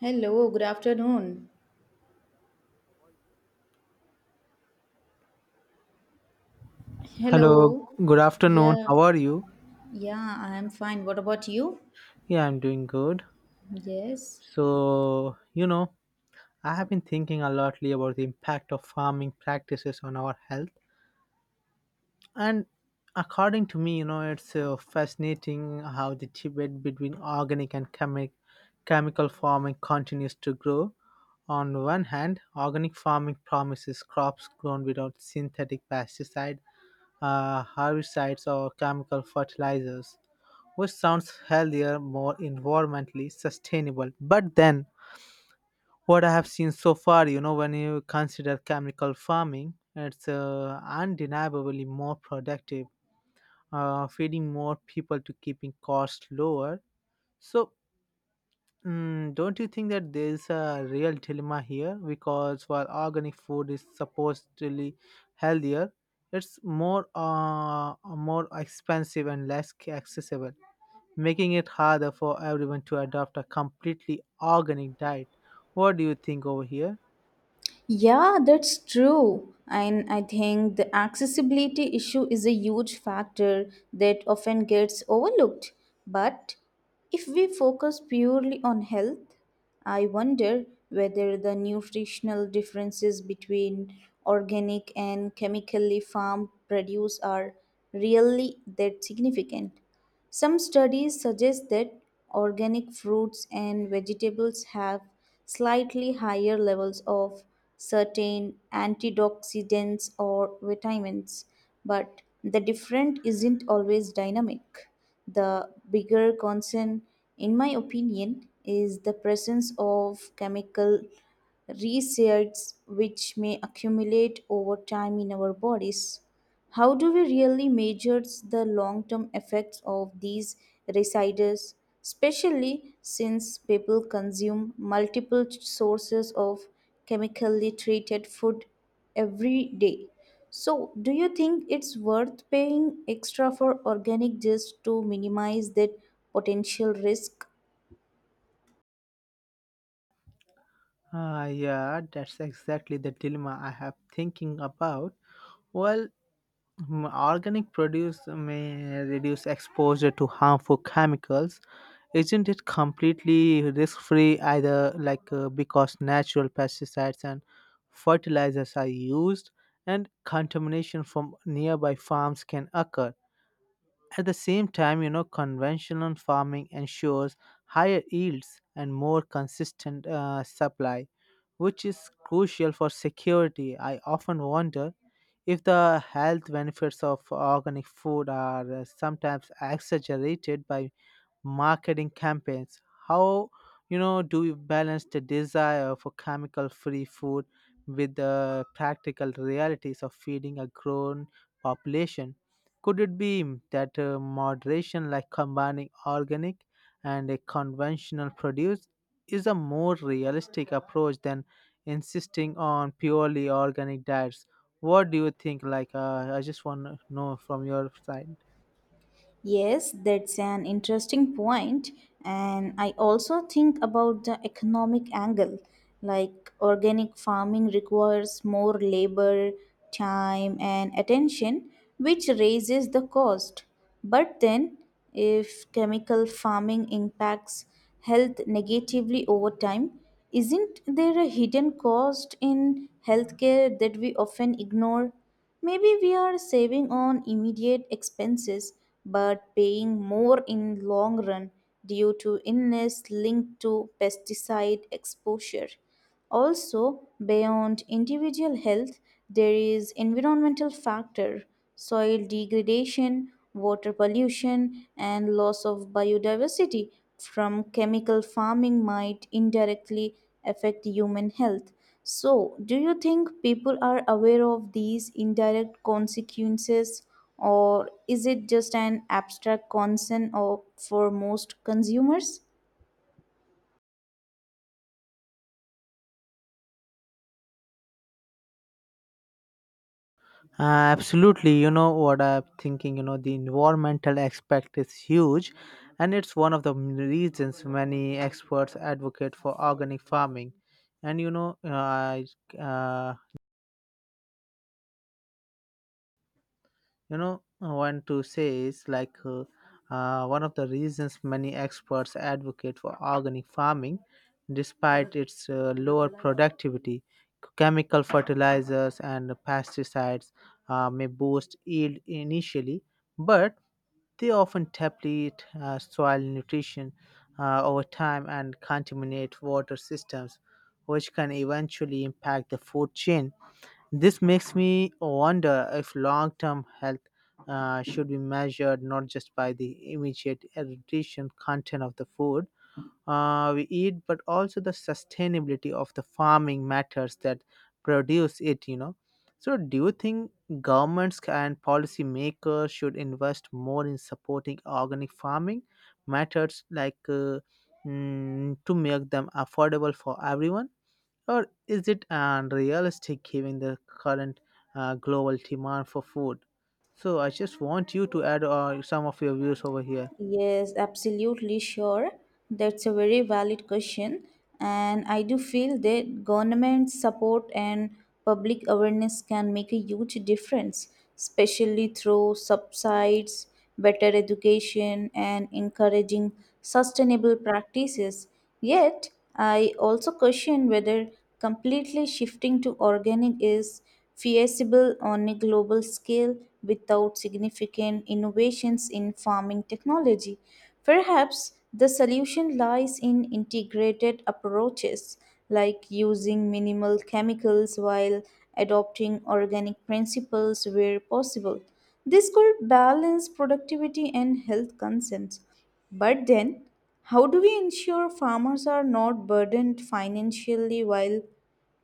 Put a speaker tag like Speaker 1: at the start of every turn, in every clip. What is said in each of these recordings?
Speaker 1: Hello, good afternoon.
Speaker 2: Hello,
Speaker 1: Hello.
Speaker 2: good afternoon.
Speaker 1: Yeah,
Speaker 2: How are you?
Speaker 1: yeah, I am fine. What about you?
Speaker 2: Yeah, I'm doing good.
Speaker 1: Yes.
Speaker 2: So, you know, I have been thinking a lotly about the impact of farming practices on our health. And according to me, it's fascinating how the debate between chemical farming continues to grow. On one hand, organic farming promises crops grown without synthetic pesticide, herbicides or chemical fertilizers, which sounds healthier, more environmentally sustainable. But then, what I have seen so far, when you consider chemical farming, it's undeniably more productive, feeding more people to keeping costs lower. So, don't you think that there is a real dilemma here? Because while organic food is supposedly healthier, it's more expensive and accessible, making it harder for everyone to adopt a completely organic diet. What do you think over here?
Speaker 1: Yeah, that's true. And I think the accessibility issue is a huge factor that often gets overlooked. But if we focus purely on health, I wonder whether the nutritional differences between organic and chemically farmed produce are really that significant. Some studies suggest that organic fruits and vegetables have slightly higher levels of certain antioxidants or vitamins, but the difference isn't always dynamic. The bigger concern, in my opinion, is the presence of chemical resets which may accumulate over time in our bodies. How do we really measure the long term effects of these residues, especially since people consume multiple sources of chemically treated food every day? So, do you think it's worth paying extra for organic just to minimize that potential risk?
Speaker 2: Ah, yeah, that's exactly the dilemma I have thinking about. Well, organic produce may reduce exposure to harmful chemicals. Isn't it completely risk free either, like because natural pesticides and fertilizers are used and contamination from nearby farms can occur? At the same time, you know, conventional farming ensures higher yields and more consistent supply, which is crucial for security. I often wonder if the health benefits of organic food are sometimes exaggerated by marketing campaigns. How do you balance the desire for chemical-free food with the practical realities of feeding a grown population? Could it be that moderation, like combining organic and a conventional produce, is a more realistic approach than insisting on purely organic diets? What do you think? Like, I just want to know from your side.
Speaker 1: Yes, that's an interesting point, and I also think about the economic angle. Like organic farming requires more labor, time, and attention, which raises the cost. But then, if chemical farming impacts health negatively over time, isn't there a hidden cost in healthcare that we often ignore? Maybe we are saving on immediate expenses but paying more in long run due to illness linked to pesticide exposure. Also, beyond individual health, there is environmental factor soil degradation, water pollution, and loss of biodiversity from chemical farming might indirectly affect human health. So, do you think people are aware of these indirect consequences, or is it just an abstract concern of, for most consumers?
Speaker 2: Uh, absolutely, you know what I'm thinking. You know, the environmental aspect is huge, and it's one of the reasons many experts advocate for organic farming. And uh, you know, I want to say is one of the reasons many experts advocate for organic farming despite its lower productivity. Chemical fertilizers and pesticides may boost yield initially, but they often deplete soil nutrition over time and contaminate water systems, which can eventually impact the food chain. This makes me wonder if long term health should be measured not just by the immediate nutrition content of the food we eat, but also the sustainability of the farming methods that produce it, you know. So, do you think governments and policymakers should invest more in supporting organic farming methods like to make them affordable for everyone? Or is it unrealistic given the current global demand for food? So I just want you to add some of your views over here.
Speaker 1: Yes, absolutely sure. That's a very valid question. And I do feel that government support and public awareness can make a huge difference, especially through subsides, better education, and encouraging sustainable practices. Yet, I also question whether completely shifting to organic is feasible on a global scale without significant innovations in farming technology. Perhaps the solution lies in integrated approaches like using minimal chemicals while adopting organic principles where possible. This could balance productivity and health concerns. But then, how do we ensure farmers are not burdened financially while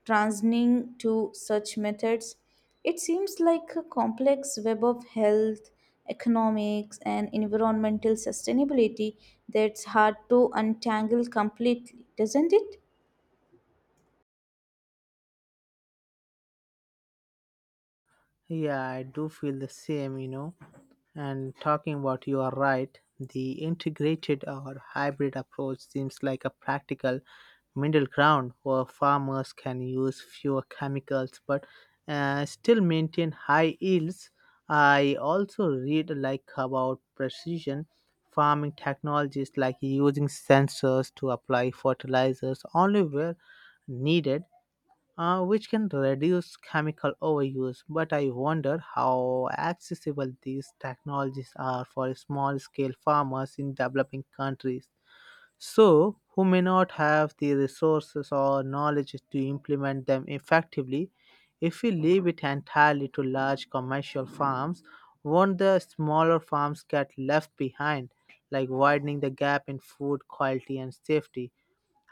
Speaker 1: transitioning to such methods. It seems like a complex web of health, economics, and environmental sustainability that's hard to untangle completely, doesn't it?
Speaker 2: Yeah, I do feel the same, you know. And talking about, you are right, the integrated or hybrid approach seems like a practical middle ground where farmers can use fewer chemicals but still maintain high yields. I also read like about precision farming technologies like using sensors to apply fertilizers only where needed, which can reduce chemical overuse. But I wonder how accessible these technologies are for small scale farmers in developing countries. So, who may not have the resources or knowledge to implement them effectively, if we leave it entirely to large commercial farms, won't the smaller farms get left behind, like widening the gap in food quality and safety?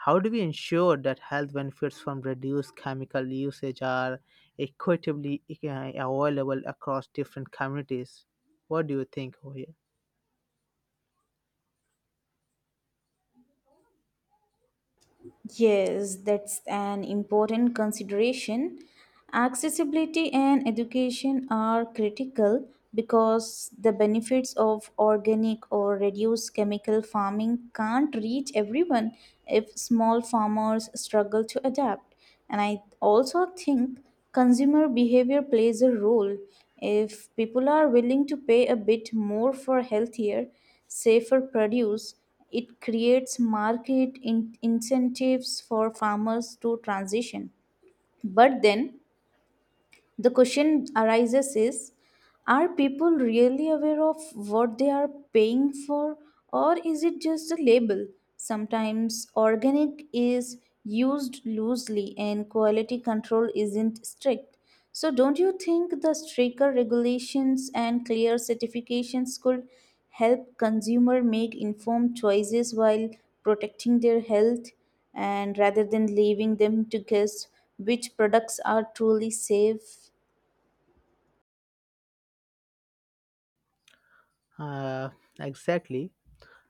Speaker 2: How do we ensure that health benefits from reduced chemical usage are equitably available across different communities? What do you think over here?
Speaker 1: Yes, that's an important consideration. Accessibility and education are critical because the benefits of organic or reduced chemical farming can't reach everyone if small farmers struggle to adapt. And I also think consumer behavior plays a role. If people are willing to pay a bit more for healthier, safer produce, it creates market incentives for farmers to transition. But then the question arises is are people really aware of what they are paying for, or is it just a label? Sometimes organic is used loosely and quality control isn't strict. So, don't you think the stricter regulations and clear certifications could help consumer make informed choices while protecting their health, and rather than leaving them to guess which products are truly safe?
Speaker 2: Uh, exactly.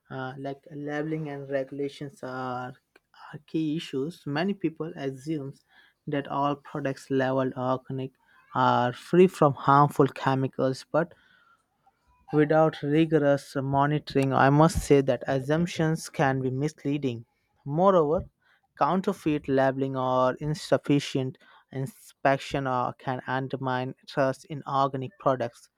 Speaker 2: Like labeling and are key issues. Many people assume that all products labeled organic are free from harmful chemicals, but without rigorous monitoring, I must say that assumptions can be misleading. Moreover, counterfeit labeling or insufficient inspection can undermine trust in organic products.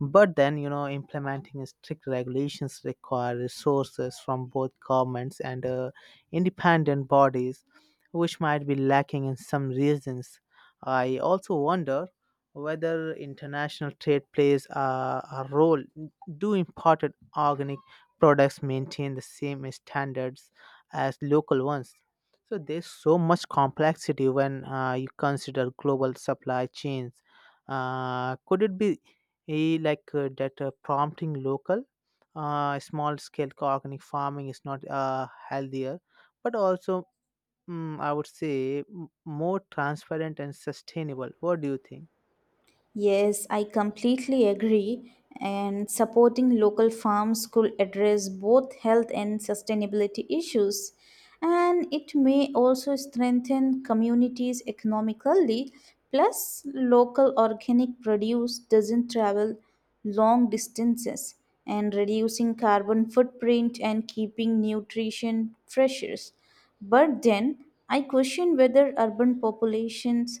Speaker 2: But then, you know, implementing strict regulations require resources from both governments and independent bodies, which might be lacking in some regions. I also wonder whether international trade plays a role. Do imported organic products maintain the same standards as local ones? So there's so much complexity when you consider global supply chains. Could it be, he like that prompting local small scale organic farming is not healthier, but also, I would say, m- more transparent and sustainable. What do you think?
Speaker 1: Yes, I completely agree. And supporting local farms could address both health and sustainability issues. And it may also strengthen communities economically. Plus, local organic produce doesn't travel long distances and reducing carbon footprint and keeping nutrition fresher. But then I question whether urban populations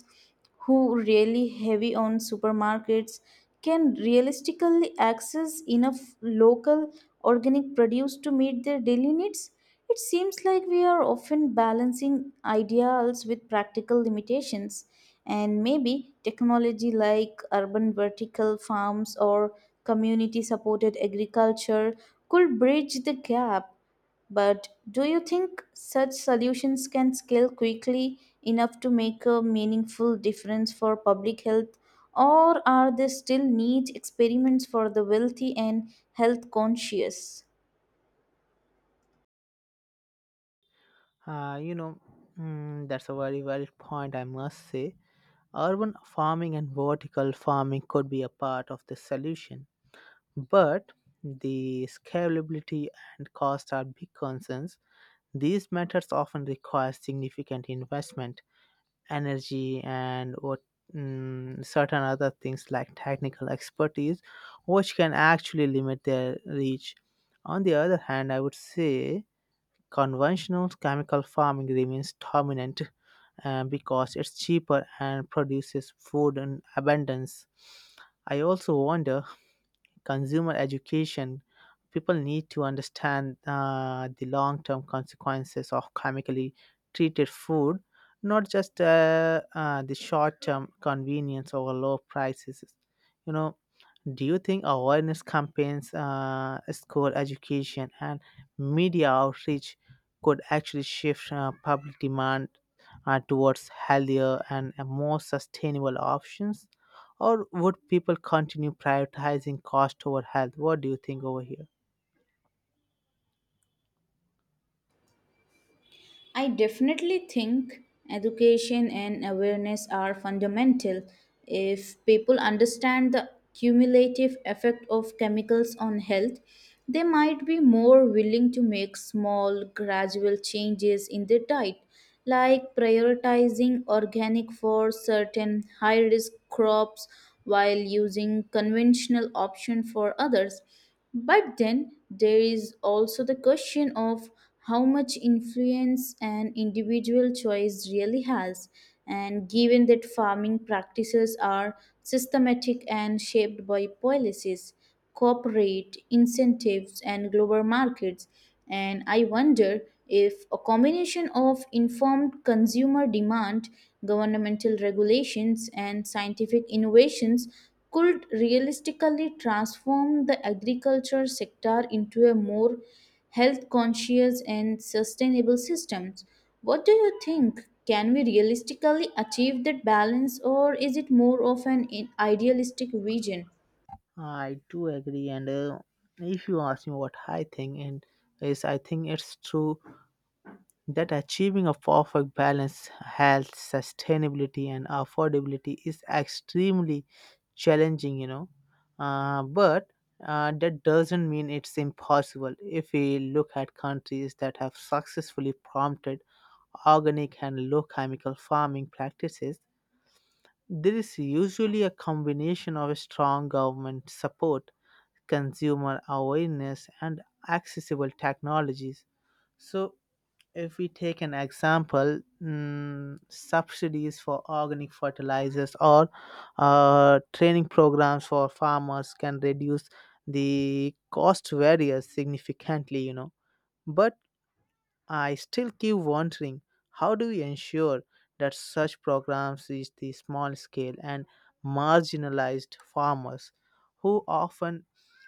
Speaker 1: who really heavy on supermarkets can realistically access enough local organic produce to meet their daily needs. It seems like we are often balancing ideals with practical limitations, and maybe technology like urban vertical farms or community supported agriculture could bridge the gap. But do you think such solutions can scale quickly enough to make a meaningful difference for public health? Or are they still neat experiments for the wealthy and health conscious?
Speaker 2: uh, you know that's a very valid point, I must say. Urban farming and vertical farming could be a part of the solution, but the scalability and cost are big concerns. These methods often require significant investment, energy, and what, certain other things like technical expertise, which can actually limit their reach. On the other hand, I would say conventional chemical farming remains dominant because it's cheaper and produces food in abundance. I also wonder consumer education, people need to understand the long term consequences of chemically treated food, not just the short term convenience or low prices. You know, do you think awareness campaigns, school education, and media outreach could actually shift public demand towards healthier and more sustainable options? Or would people continue prioritizing cost over health? What do you think over here?
Speaker 1: I definitely think education and awareness are fundamental. If people understand the cumulative effect of chemicals on health, they might be more willing to make small, gradual changes in their diet, like prioritizing organic for certain high risk crops while using conventional option for others. But then there is also the question of how much influence an individual choice really has, and given that farming practices are systematic and shaped by policies, corporate incentives, and global markets. And I wonder if a combination of informed consumer demand, governmental regulations, and scientific innovations could realistically transform the agriculture sector into a more health conscious and sustainable systems. What do you think? Can we realistically achieve that balance, or is it more of an idealistic vision?
Speaker 2: I do agree, and if you ask me what I think, and is I think it's true that achieving a perfect balance, health, sustainability, and affordability is extremely challenging, you know. But that doesn't mean it's impossible. If we look at countries that have successfully prompted organic and low chemical farming practices, there is usually a combination of strong government support, consumer awareness, and accessible technologies. So, if we take an example, subsidies for organic fertilizers or training programs for farmers can reduce the cost barriers significantly, you know. But I still keep wondering, how do we ensure that such programs reach the small scale and marginalized farmers who often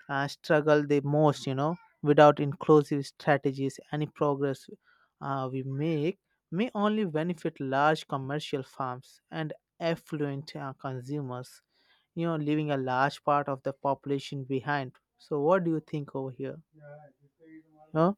Speaker 2: struggle the most, you know? Without inclusive strategies, any progress we make may only benefit large commercial firms and affluent consumers, you know, leaving a large part of the population behind. So, what do you think over here? No?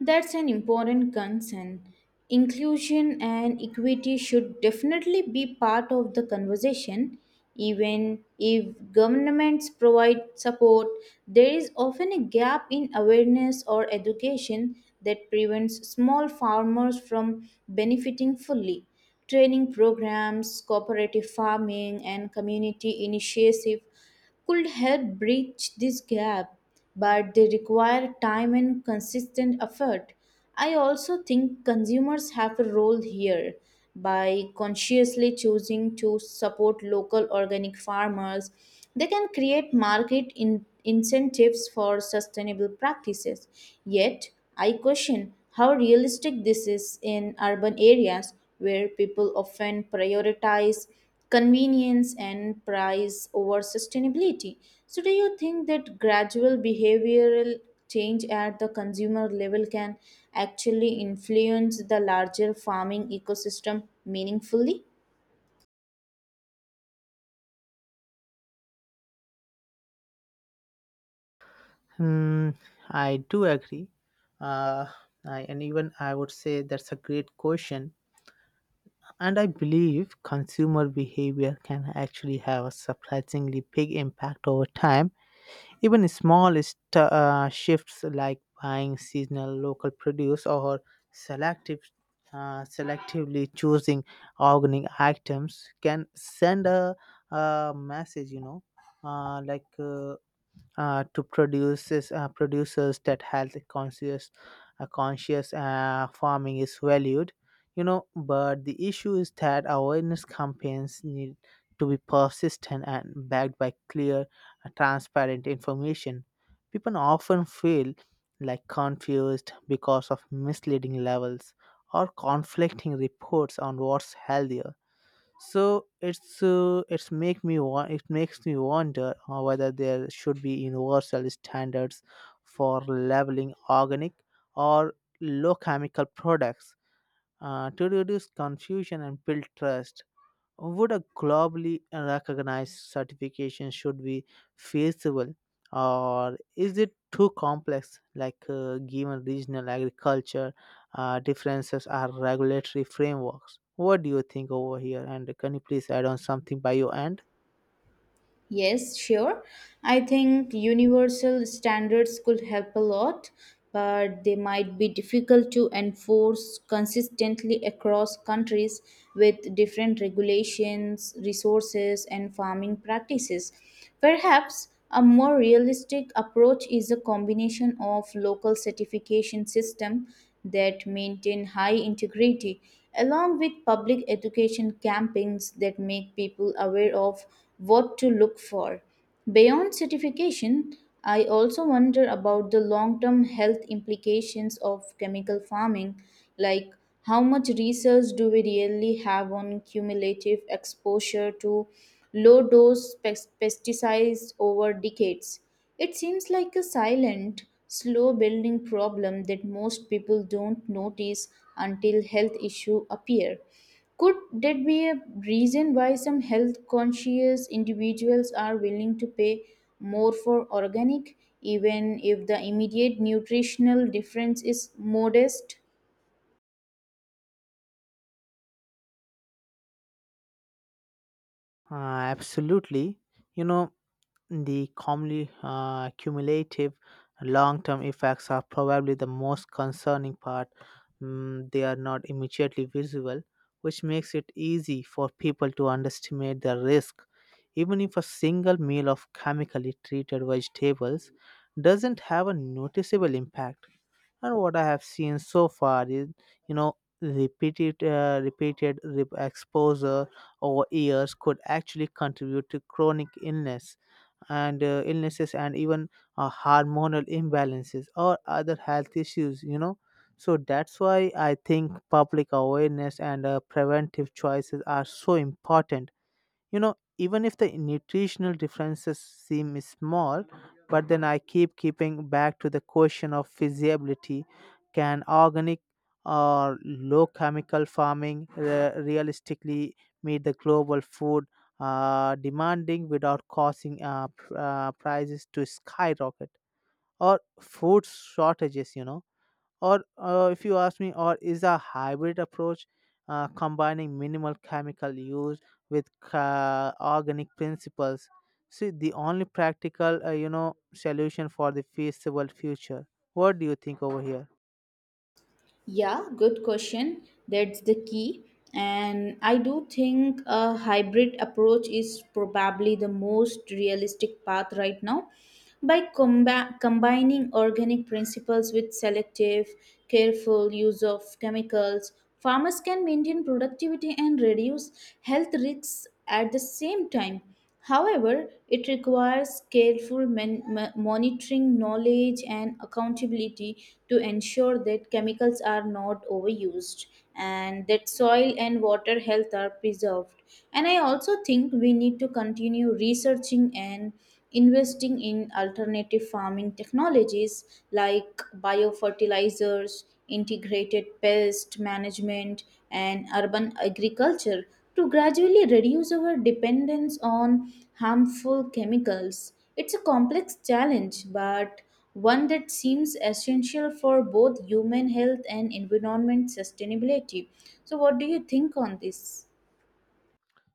Speaker 1: That's an important concern. Inclusion and equity should definitely be part of the conversation. Even if governments provide support, there is often a gap in awareness or education that prevents small farmers from benefiting fully. Training programs, cooperative farming, and community initiatives could help bridge this gap, but they require time and consistent effort. I also think consumers have a role here. By consciously choosing to support local organic farmers, they can create market incentives for sustainable practices. Yet, I question how realistic this is in urban areas where people often prioritize convenience and price over sustainability. So, do you think that gradual behavioral change at the consumer level can actually influence the larger farming ecosystem meaningfully?
Speaker 2: Hmm, I do agree. Uh, and even I would say that's a great question. And I believe consumer behavior can actually have a surprisingly big impact over time. Even small shifts like buying seasonal local produce or selective, selectively choosing organic items can send a message, you know, like to producers producers that health conscious farming is valued, you know. But the issue is that awareness campaigns need to be persistent and backed by clear, transparent information. People often feel like confused because of misleading levels or conflicting reports on what's healthier. It makes me wonder whether there should be universal standards for labeling organic or low chemical products to reduce confusion and build trust. Would a globally recognized certification should be feasible, or is it too complex? Like given regional agriculture differences are regulatory frameworks. What do you think over here? And can you please add on something by your end?
Speaker 1: Yes, sure. I think universal standards could help a lot, but they might be difficult to enforce consistently across countries with different regulations, resources, and farming practices. Perhaps a more realistic approach is a combination of local certification system that maintain high integrity, along with public education campaigns that make people aware of what to look for. Beyond certification, I also wonder about the long term health implications of chemical farming, like how much research do we really have on cumulative exposure to low dose pesticides over decades? It seems like a silent, slow building problem that most people don't notice until health issues appear. Could that be a reason why some health conscious individuals are willing to pay more for organic, even if the immediate nutritional difference is modest?
Speaker 2: Uh, absolutely. You know, the cumulative long term effects are probably the most concerning part. They are not immediately visible, which makes it easy for people to underestimate the risk. Even if a single meal of chemically treated vegetables doesn't have a noticeable impact, and what I have seen so far is, you know, repeated exposure over years could actually contribute to chronic illness and illnesses and even hormonal imbalances or other health issues, you know. So that's why I think public awareness and preventive choices are so important, you know, even if the nutritional differences seem small. But then I keep keeping back to the question of feasibility. Can organic or low chemical farming realistically meet the global food demanding without causing prices to skyrocket, or food shortages, you know? Or if you ask me, or is a hybrid approach combining minimal chemical use with organic principles, see the only practical solution for the feasible future. What do you think over here?
Speaker 1: Yeah, good question. That's the key. And I do think a hybrid approach is probably the most realistic path right now. By combining organic principles with selective, careful use of chemicals, farmers can maintain productivity and reduce health risks at the same time. However, it requires careful monitoring, knowledge, and accountability to ensure that chemicals are not overused and that soil and water health are preserved. And I also think we need to continue researching and investing in alternative farming technologies like biofertilizers, integrated pest management, and urban agriculture to gradually reduce our dependence on harmful chemicals. It's a complex challenge, but one that seems essential for both human health and environment sustainability. So, what do you think on this?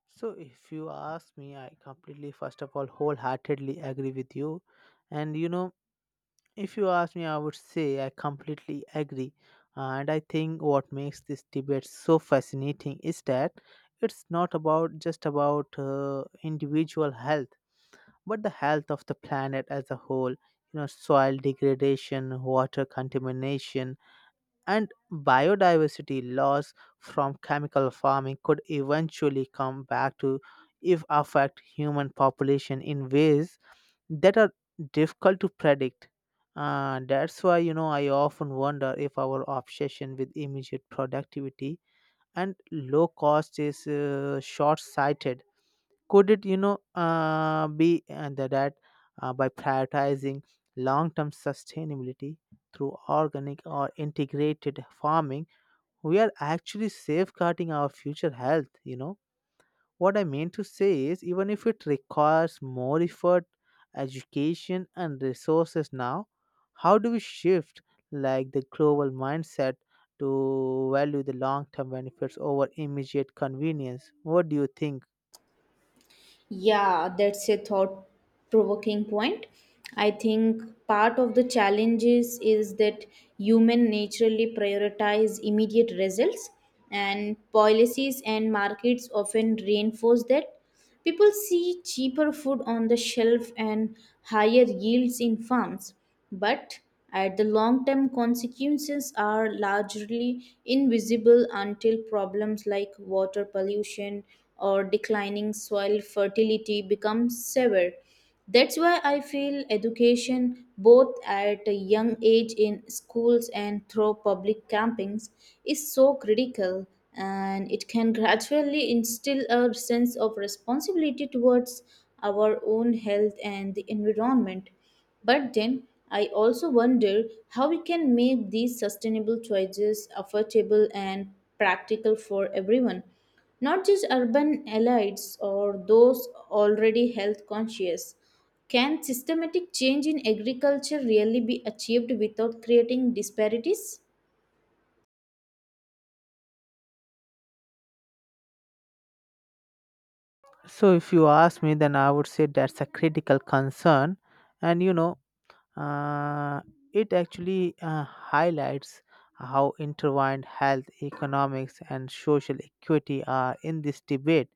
Speaker 2: So if you ask me, I completely, first of all, wholeheartedly agree with you. And you know, if you ask me, I would say I completely agree. And I think what makes this debate so fascinating is that it's not about just about individual health, but the health of the planet as a whole. You know, soil degradation, water contamination, and biodiversity loss from chemical farming could eventually come back to if affect human population in ways that are difficult to predict. That's why, you know, I often wonder if our obsession with immediate productivity and low cost is short-sighted. Could it be by prioritizing long-term sustainability through organic or integrated farming, we are actually safeguarding our future health? What I mean to say is, even if it requires more effort, education, and resources now, how do we shift like the global mindset to value the long term benefits over immediate convenience? What do you think?
Speaker 1: Yeah, that's a thought provoking point. I think part of the challenges is that human naturally prioritize immediate results, and policies and markets often reinforce that. People see cheaper food on the shelf and higher yields in farms, but at the long term consequences are largely invisible until problems like water pollution or declining soil fertility become severe. That's why I feel education, both at a young age in schools and through public campings, is so critical, and it can gradually instill a sense of responsibility towards our own health and the environment. But then I also wonder how we can make these sustainable choices affordable and practical for everyone, not just urban elites or those already health conscious. Can systematic change in agriculture really be achieved without creating disparities?
Speaker 2: So, if you ask me, then I would say that's a critical concern, and you know, uh, it actually highlights how intertwined health, economics, and social equity are in this debate.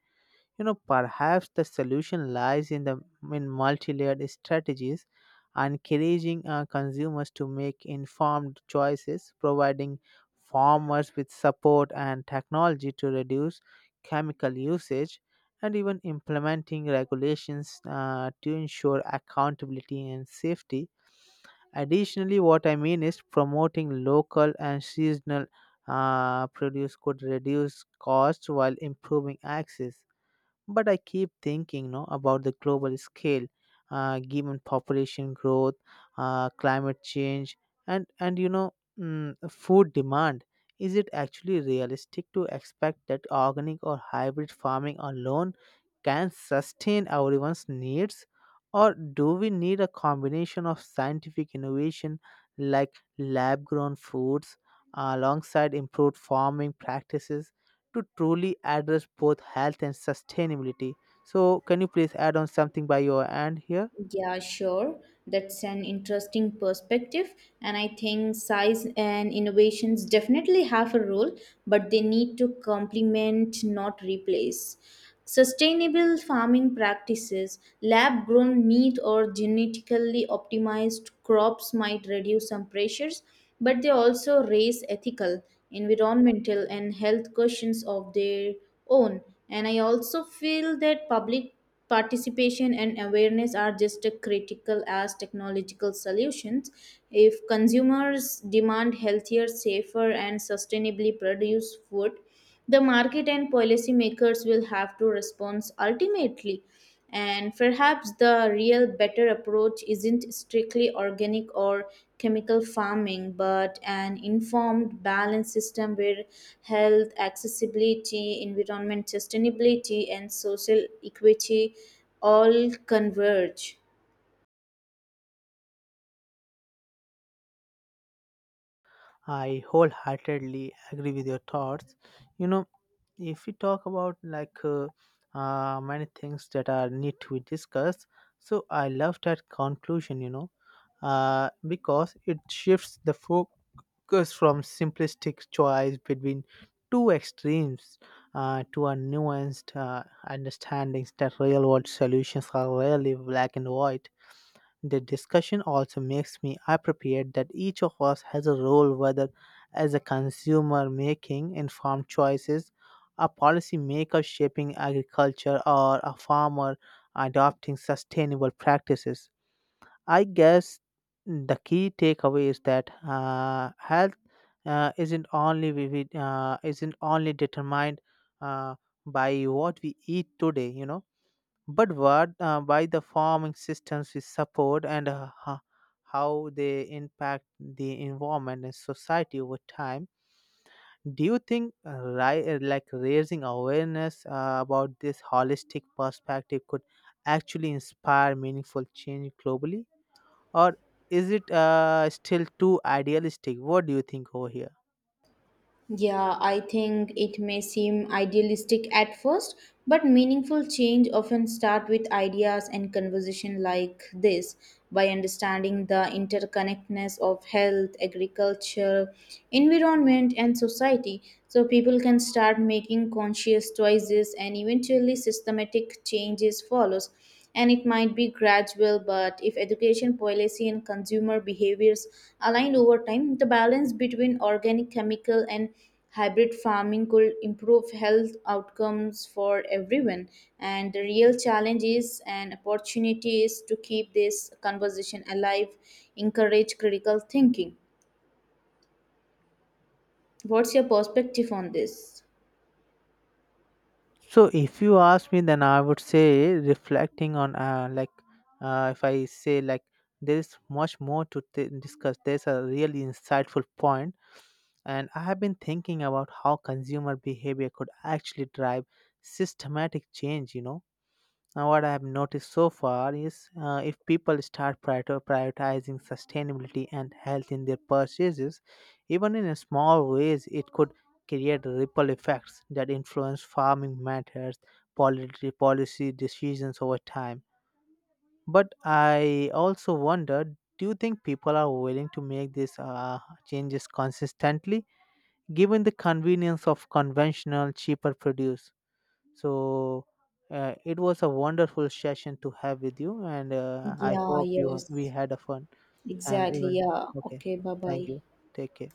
Speaker 2: You know, perhaps the solution lies in the in multi-layered strategies, encouraging consumers to make informed choices, providing farmers with support and technology to reduce chemical usage, and even implementing regulations to ensure accountability and safety. Additionally, what I mean is promoting local and seasonal produce could reduce costs while improving access. But I keep thinking, you know, about the global scale, given population growth, climate change, and food demand. Is it actually realistic to expect that organic or hybrid farming alone can sustain everyone's needs, or do we need a combination of scientific innovation like lab-grown foods alongside improved farming practices to truly address both health and sustainability? So, can you please add on something by your end here?
Speaker 1: Yeah, sure. That's an interesting perspective. And I think size and innovations definitely have a role, but they need to complement, not replace. Sustainable farming practices, lab grown meat, or genetically optimized crops might reduce some pressures, but they also raise ethical, environmental, and health questions of their own. And I also feel that public participation and awareness are just as critical as technological solutions. If consumers demand healthier, safer, and sustainably produced food, the market and policymakers will have to respond ultimately, and perhaps the real better approach isn't strictly organic or chemical farming, but an informed, balanced system where health, accessibility, environment sustainability, and social equity all converge.
Speaker 2: I wholeheartedly agree with your thoughts. You know, if we talk about like many things that are need to be discussed, so I love that conclusion. You know, because it shifts the focus from simplistic choice between two extremes to a nuanced understandings that real world solutions are rarely black and white. The discussion also makes me appreciate that each of us has a role, whether as a consumer making informed choices, a policymaker shaping agriculture, or a farmer adopting sustainable practices. I guess the key takeaway is that health isn't only vivid, isn't only determined uh, by what we eat today. You know, but what by the farming systems we support and how they impact the environment and society over time. Do you think like raising awareness about this holistic perspective could actually inspire meaningful change globally, or is it still too idealistic? What do you think over here?
Speaker 1: Yeah, I think it may seem idealistic at first, but meaningful change often start with ideas and conversation like this. By understanding the interconnectedness of health, agriculture, environment, and society, so people can start making conscious choices and eventually systematic changes follows. And it might be gradual, but if education, policy, and consumer behaviors aligned over time, the balance between organic, chemical, and hybrid farming could improve health outcomes for everyone. And the real challenge is and opportunity is to keep this conversation alive, encourage critical thinking. What's your perspective on this?
Speaker 2: So if you ask me, then I would say reflecting on if I say like there is much more to discuss. There's a really insightful point, and I have been thinking about how consumer behavior could actually drive systematic change. You know, now, what I have noticed so far is if people start prioritizing sustainability and health in their purchases, even in a small ways, it could create ripple effects that influence farming methods, policy decisions over time. But I also wonder, do you think people are willing to make these changes consistently, given the convenience of conventional, cheaper produce? So, it was a wonderful session to have with you, and I
Speaker 1: Yeah,
Speaker 2: hope you we
Speaker 1: yes.
Speaker 2: had a fun and
Speaker 1: Exactly.
Speaker 2: even
Speaker 1: Yeah.
Speaker 2: okay.
Speaker 1: Okay, bye
Speaker 2: Thank
Speaker 1: bye.
Speaker 2: you. Take care.